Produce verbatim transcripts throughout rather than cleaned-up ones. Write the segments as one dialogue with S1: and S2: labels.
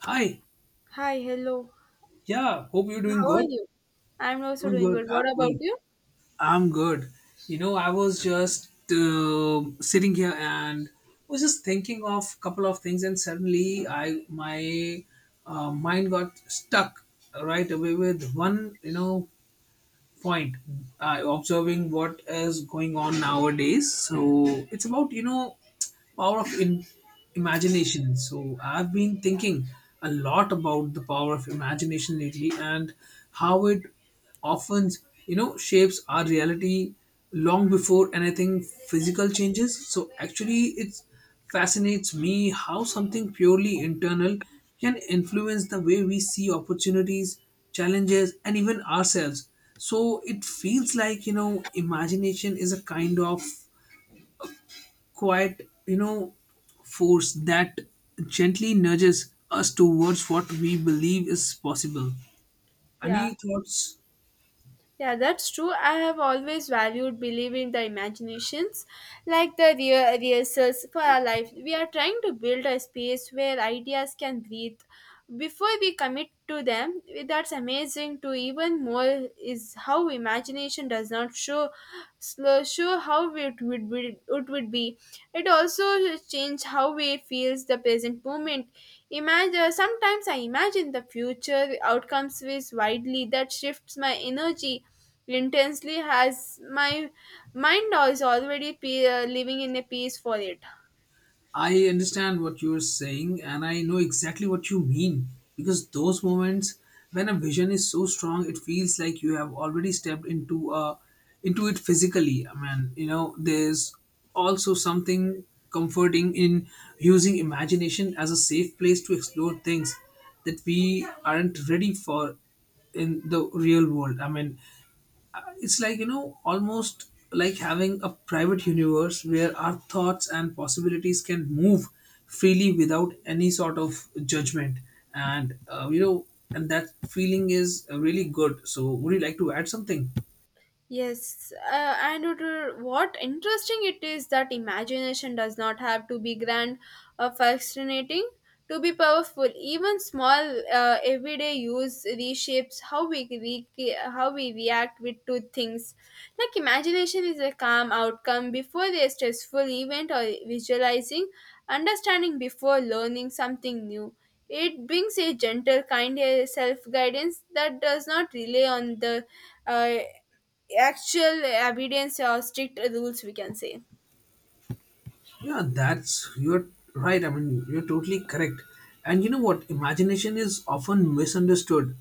S1: Hi.
S2: Hi, hello.
S1: Yeah. Hope you're doing
S2: How are
S1: good.
S2: you? I'm also
S1: I'm
S2: doing
S1: good.
S2: good.
S1: I'm
S2: What about
S1: good.
S2: you?
S1: I'm good. You know, I was just uh, sitting here and was just thinking of a couple of things, and suddenly I my uh, mind got stuck right away with one. You know, point. Uh, observing what is going on nowadays. So it's about you know power of in- imagination. So I've been thinking a lot about the power of imagination lately and how it often, you know, shapes our reality long before anything physical changes. So actually, it fascinates me how something purely internal can influence the way we see opportunities, challenges, and even ourselves. So it feels like, you know, imagination is a kind of quiet, you know, force that gently nudges us towards what we believe is possible.
S2: Yeah.
S1: Any thoughts?
S2: Yeah, that's true. I have always valued believing the imaginations, like the rea- rehearsals for our life. We are trying to build a space where ideas can breathe. Before we commit to them, that's amazing to even more is how imagination does not show, slow, show how it would be it would be It also changed how we feels the present moment. Imagine sometimes i imagine the future outcomes with widely that shifts my energy intensely as my mind is already pe- uh, living in a peace for it.
S1: I understand what you're saying, and I know exactly what you mean because those moments when a vision is so strong, it feels like you have already stepped into a into it physically. I mean, you know, there's also something comforting in using imagination as a safe place to explore things that we aren't ready for in the real world. I mean, uh, it's like you know almost like having a private universe where our thoughts and possibilities can move freely without any sort of judgment and uh, you know and that feeling is uh, really good, so would you like to add something?
S2: Yes, uh, and it, uh, what interesting it is that imagination does not have to be grand or fascinating to be powerful. Even small uh, everyday use reshapes how we re- how we react with to things. Like imagination is a calm outcome before a stressful event or visualizing, understanding before learning something new. It brings a gentle, kind self guidance that does not rely on the. Uh, actual evidence or strict rules, we can say.
S1: Yeah, that's you're right. I mean, you're totally correct. And you know what? Imagination is often misunderstood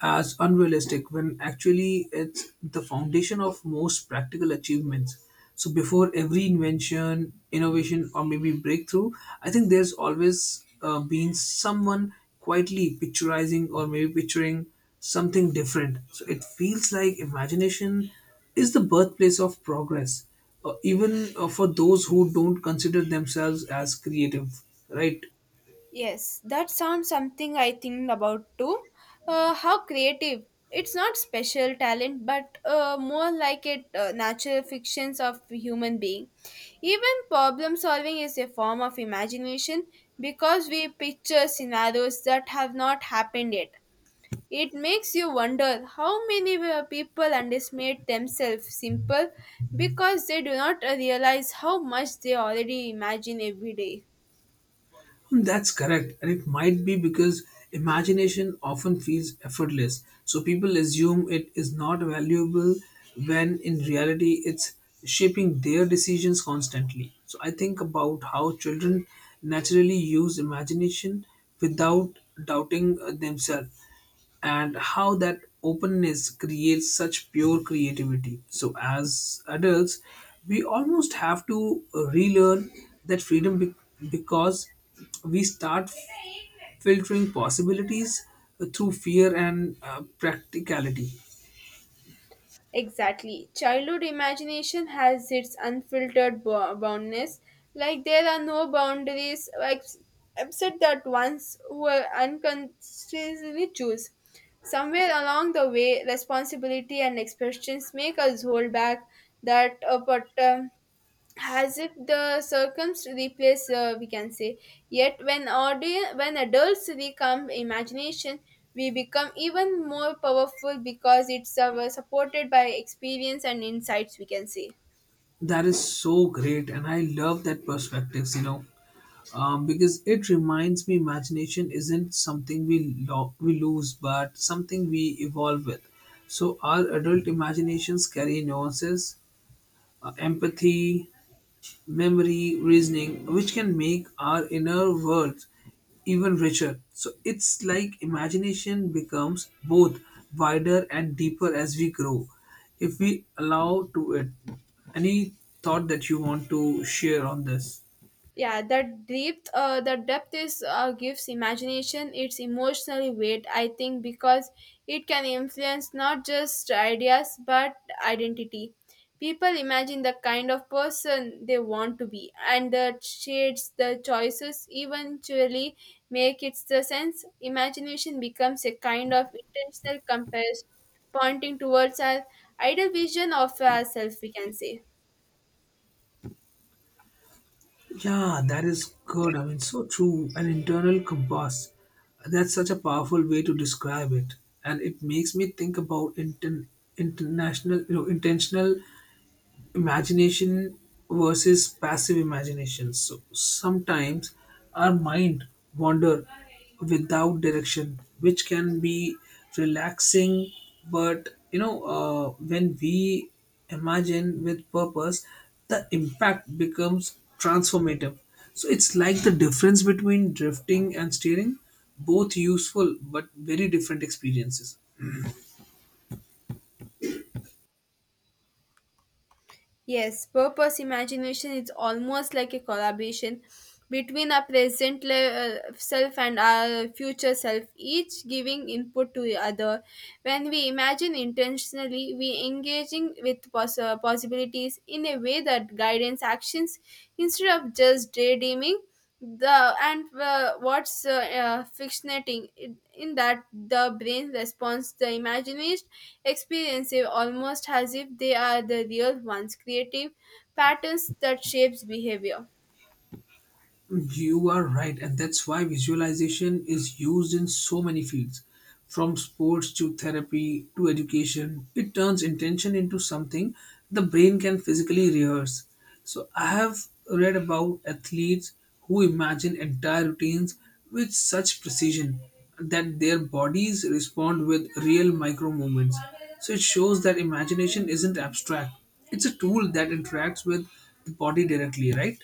S1: as unrealistic when actually it's the foundation of most practical achievements. So, before every invention, innovation, or maybe breakthrough, I think there's always uh, been someone quietly picturizing or maybe picturing something different. So, it feels like imagination is the birthplace of progress, uh, even uh, for those who don't consider themselves as creative, right?
S2: Yes, that sounds something I think about too. Uh, how creative. It's not special talent, but uh, more like it uh, natural fictions of human being. Even problem solving is a form of imagination because we picture scenarios that have not happened yet. It makes you wonder how many uh, people underestimate themselves simple because they do not uh, realize how much they already imagine every day.
S1: Hmm, that's correct, and it might be because imagination often feels effortless, so people assume it is not valuable when in reality it's shaping their decisions constantly. So I think about how children naturally use imagination without doubting uh, themselves and how that openness creates such pure creativity. So, as adults, we almost have to relearn that freedom be- because we start filtering possibilities through fear and uh, practicality.
S2: Exactly. Childhood imagination has its unfiltered bo- boundness. Like there are no boundaries ex- except that ones were unconsciously choose. Somewhere along the way, responsibility and expressions make us hold back that uh, but, um, as if the circums replace uh, we can say, yet when audience when adults become imagination, we become even more powerful because it's uh, supported by experience and insights, we can say.
S1: That is so great, and I love that perspectives. You know, um, because it reminds me imagination isn't something we lo- we lose, but something we evolve with. So our adult imaginations carry nuances, uh, empathy, memory, reasoning, which can make our inner world even richer. So it's like imagination becomes both wider and deeper as we grow, if we allow to it. Any thought that you want to share on this?
S2: Yeah that depth uh, the depth is uh, gives imagination its emotional weight. I think because it can influence not just ideas but identity, people imagine the kind of person they want to be and the shades the choices eventually make its the sense imagination becomes a kind of intentional compass pointing towards our ideal vision of ourselves, we can say.
S1: Yeah, that is good. I mean, so true. An internal compass. That's such a powerful way to describe it, and it makes me think about inten- international, you know, intentional imagination versus passive imagination. So sometimes our mind wander without direction, which can be relaxing, but you know uh, when we imagine with purpose, the impact becomes transformative. So it's like the difference between drifting and steering, both useful but very different experiences.
S2: Yes, purpose imagination is almost like a collaboration between our present le- uh, self and our future self, each giving input to the other. When we imagine intentionally, we engaging with poss uh, possibilities in a way that guidance actions instead of just daydreaming. The and uh, what's uh, uh, fictionating in in that the brain responds the imaginist experience almost as if they are the real ones, creative patterns that shapes behavior.
S1: You are right, and that's why visualization is used in so many fields, from sports to therapy to education. It turns intention into something the brain can physically rehearse. So, I have read about athletes who imagine entire routines with such precision that their bodies respond with real micro movements. So, it shows that imagination isn't abstract, it's a tool that interacts with the body directly, right?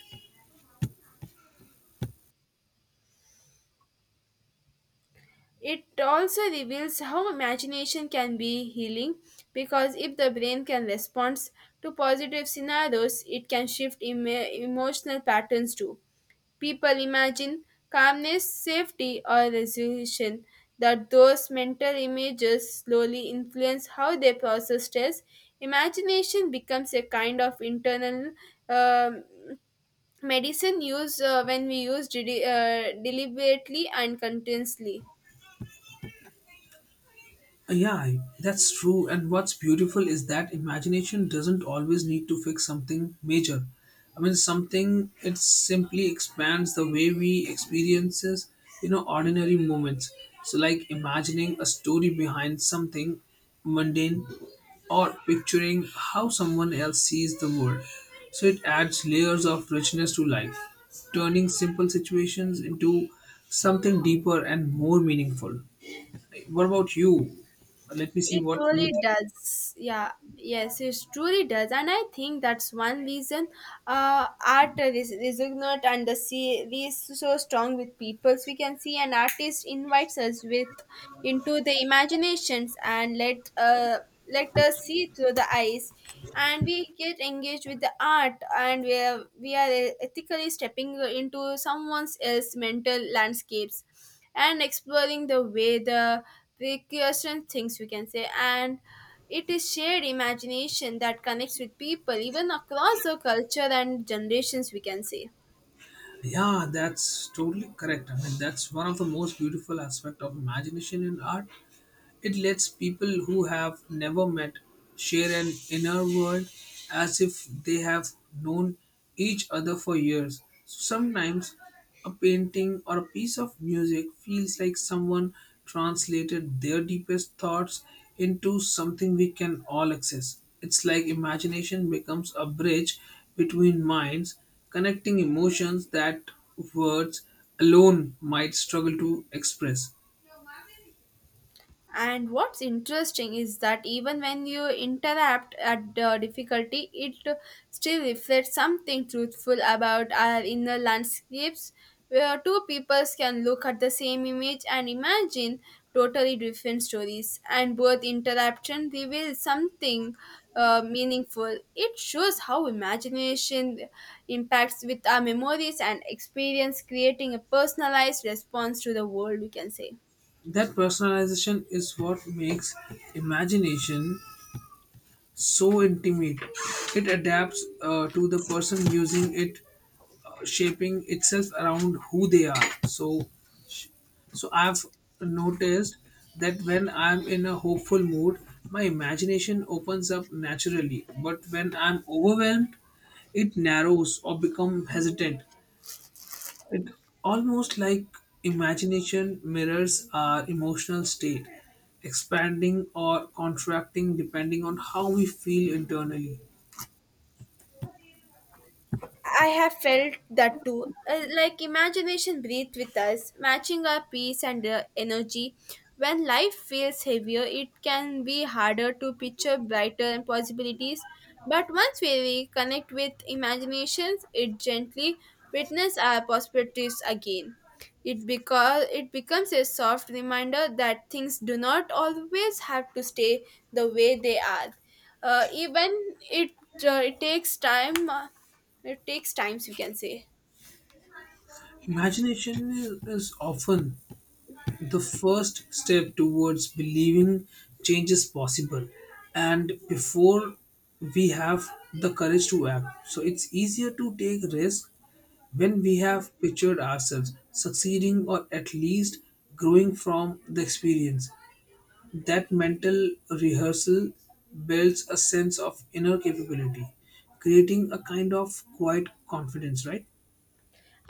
S2: It also reveals how imagination can be healing because if the brain can respond to positive scenarios, it can shift emo- emotional patterns too. People imagine calmness, safety, or resolution, that those mental images slowly influence how they process stress. Imagination becomes a kind of internal um, medicine used uh, when we use deli- uh, deliberately and continuously.
S1: Yeah, that's true. And what's beautiful is that imagination doesn't always need to fix something major. I mean, something it simply expands the way we experiences, you know, ordinary moments. So, like imagining a story behind something mundane, or picturing how someone else sees the world. So it adds layers of richness to life, turning simple situations into something deeper and more meaningful. What about you? Let me see
S2: It
S1: what you
S2: truly
S1: think.
S2: does. Yeah. Yes, it truly does. And I think that's one reason uh, art is, is ignorant and the see is so strong with people. So we can see an artist invites us with into the imaginations and let uh, let us see through the eyes. And we get engaged with the art and we are, we are uh, ethically stepping into someone else's mental landscapes and exploring the way the recursion things, we can say, and it is shared imagination that connects with people even across the culture and generations, we can say.
S1: Yeah, that's totally correct. I mean, that's one of the most beautiful aspect of imagination in art. It lets people who have never met share an inner world as if they have known each other for years. So sometimes a painting or a piece of music feels like someone translated their deepest thoughts into something we can all access. It's like imagination becomes a bridge between minds, connecting emotions that words alone might struggle to express.
S2: And what's interesting is that even when you interrupt at the difficulty, it still reflects something truthful about our inner landscapes, where two peoples can look at the same image and imagine totally different stories. And both interruption reveals something uh, meaningful. It shows how imagination impacts with our memories and experience, creating a personalized response to the world, we can say.
S1: That personalization is what makes imagination so intimate. It adapts uh, to the person using it, uh, shaping itself around who they are. So, so I've noticed that when I'm in a hopeful mood, my imagination opens up naturally. But when I'm overwhelmed, it narrows or becomes hesitant. It almost like imagination mirrors our emotional state, expanding or contracting depending on how we feel internally.
S2: I have felt that too. Uh, like imagination breathes with us, matching our peace and uh, energy. When life feels heavier, it can be harder to picture brighter possibilities. But once we reconnect with imaginations, it gently witness our possibilities again. It because it becomes a soft reminder that things do not always have to stay the way they are. Uh, even it, uh, it takes time. uh, it takes times, we can say.
S1: Imagination is, is often the first step towards believing change is possible, and before we have the courage to act. So it's easier to take risks when we have pictured ourselves succeeding or at least growing from the experience. That mental rehearsal builds a sense of inner capability, creating a kind of quiet confidence, right?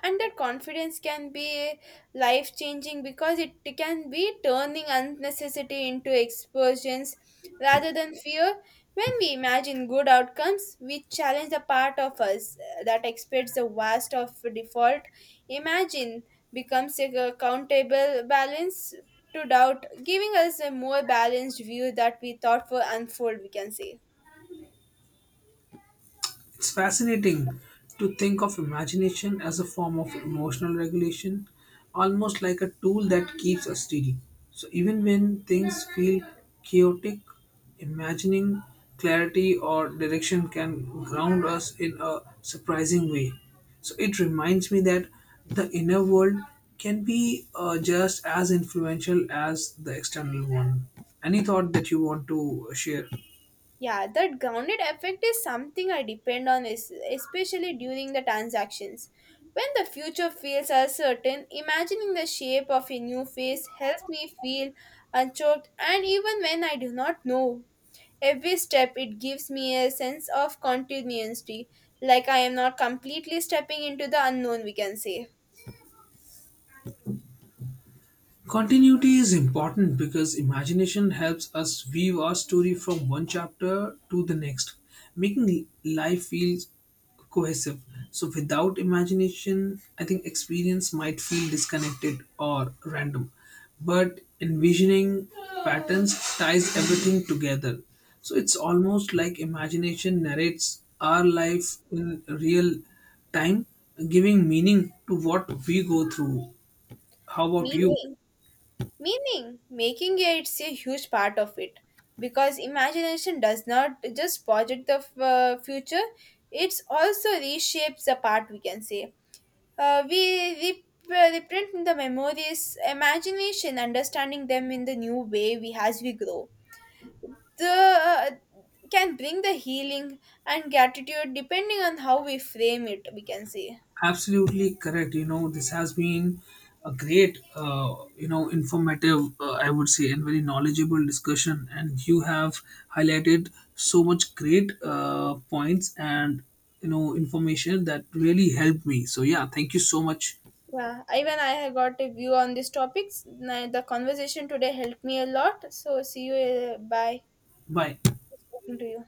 S2: And that confidence can be life changing because it can be turning unnecessity into explosions rather than fear when we imagine good outcomes. We challenge the part of us uh, that expects the worst of default. Imagine becomes a countable balance to doubt, giving us a more balanced view that we thought were unfold, we can say.
S1: It's fascinating to think of imagination as a form of emotional regulation, almost like a tool that keeps us steady. So even when things feel chaotic, imagining clarity or direction can ground us in a surprising way. So it reminds me that the inner world can be uh, just as influential as the external one. Any thought that you want to share?
S2: Yeah, that grounded effect is something I depend on, es- especially during the transactions. When the future feels uncertain, imagining the shape of a new face helps me feel unchoked, and even when I do not know every step, it gives me a sense of continuity, like I am not completely stepping into the unknown, we can say.
S1: Continuity is important because imagination helps us weave our story from one chapter to the next, making life feel cohesive. So, without imagination, I think experience might feel disconnected or random. But envisioning patterns ties everything together. So, it's almost like imagination narrates our life in real time, giving meaning to what we go through. How about you?
S2: Meaning, Meaning, making it's a huge part of it because imagination does not just project the f- uh, future, it's also reshapes the part, we can say. Uh, we rep- uh, reprint in the memories, imagination, understanding them in the new way we as we grow. The uh, can bring the healing and gratitude depending on how we frame it, we can say.
S1: Absolutely correct. You know, this has been a great, uh, you know informative, uh, I would say, and very knowledgeable discussion, and you have highlighted so much great uh, points and you know information that really helped me, so yeah, thank you so much.
S2: Yeah, even I have got a view on these topics. Now, the conversation today helped me a lot. So, see you. uh, Bye.
S1: Bye.
S2: It's talking to you.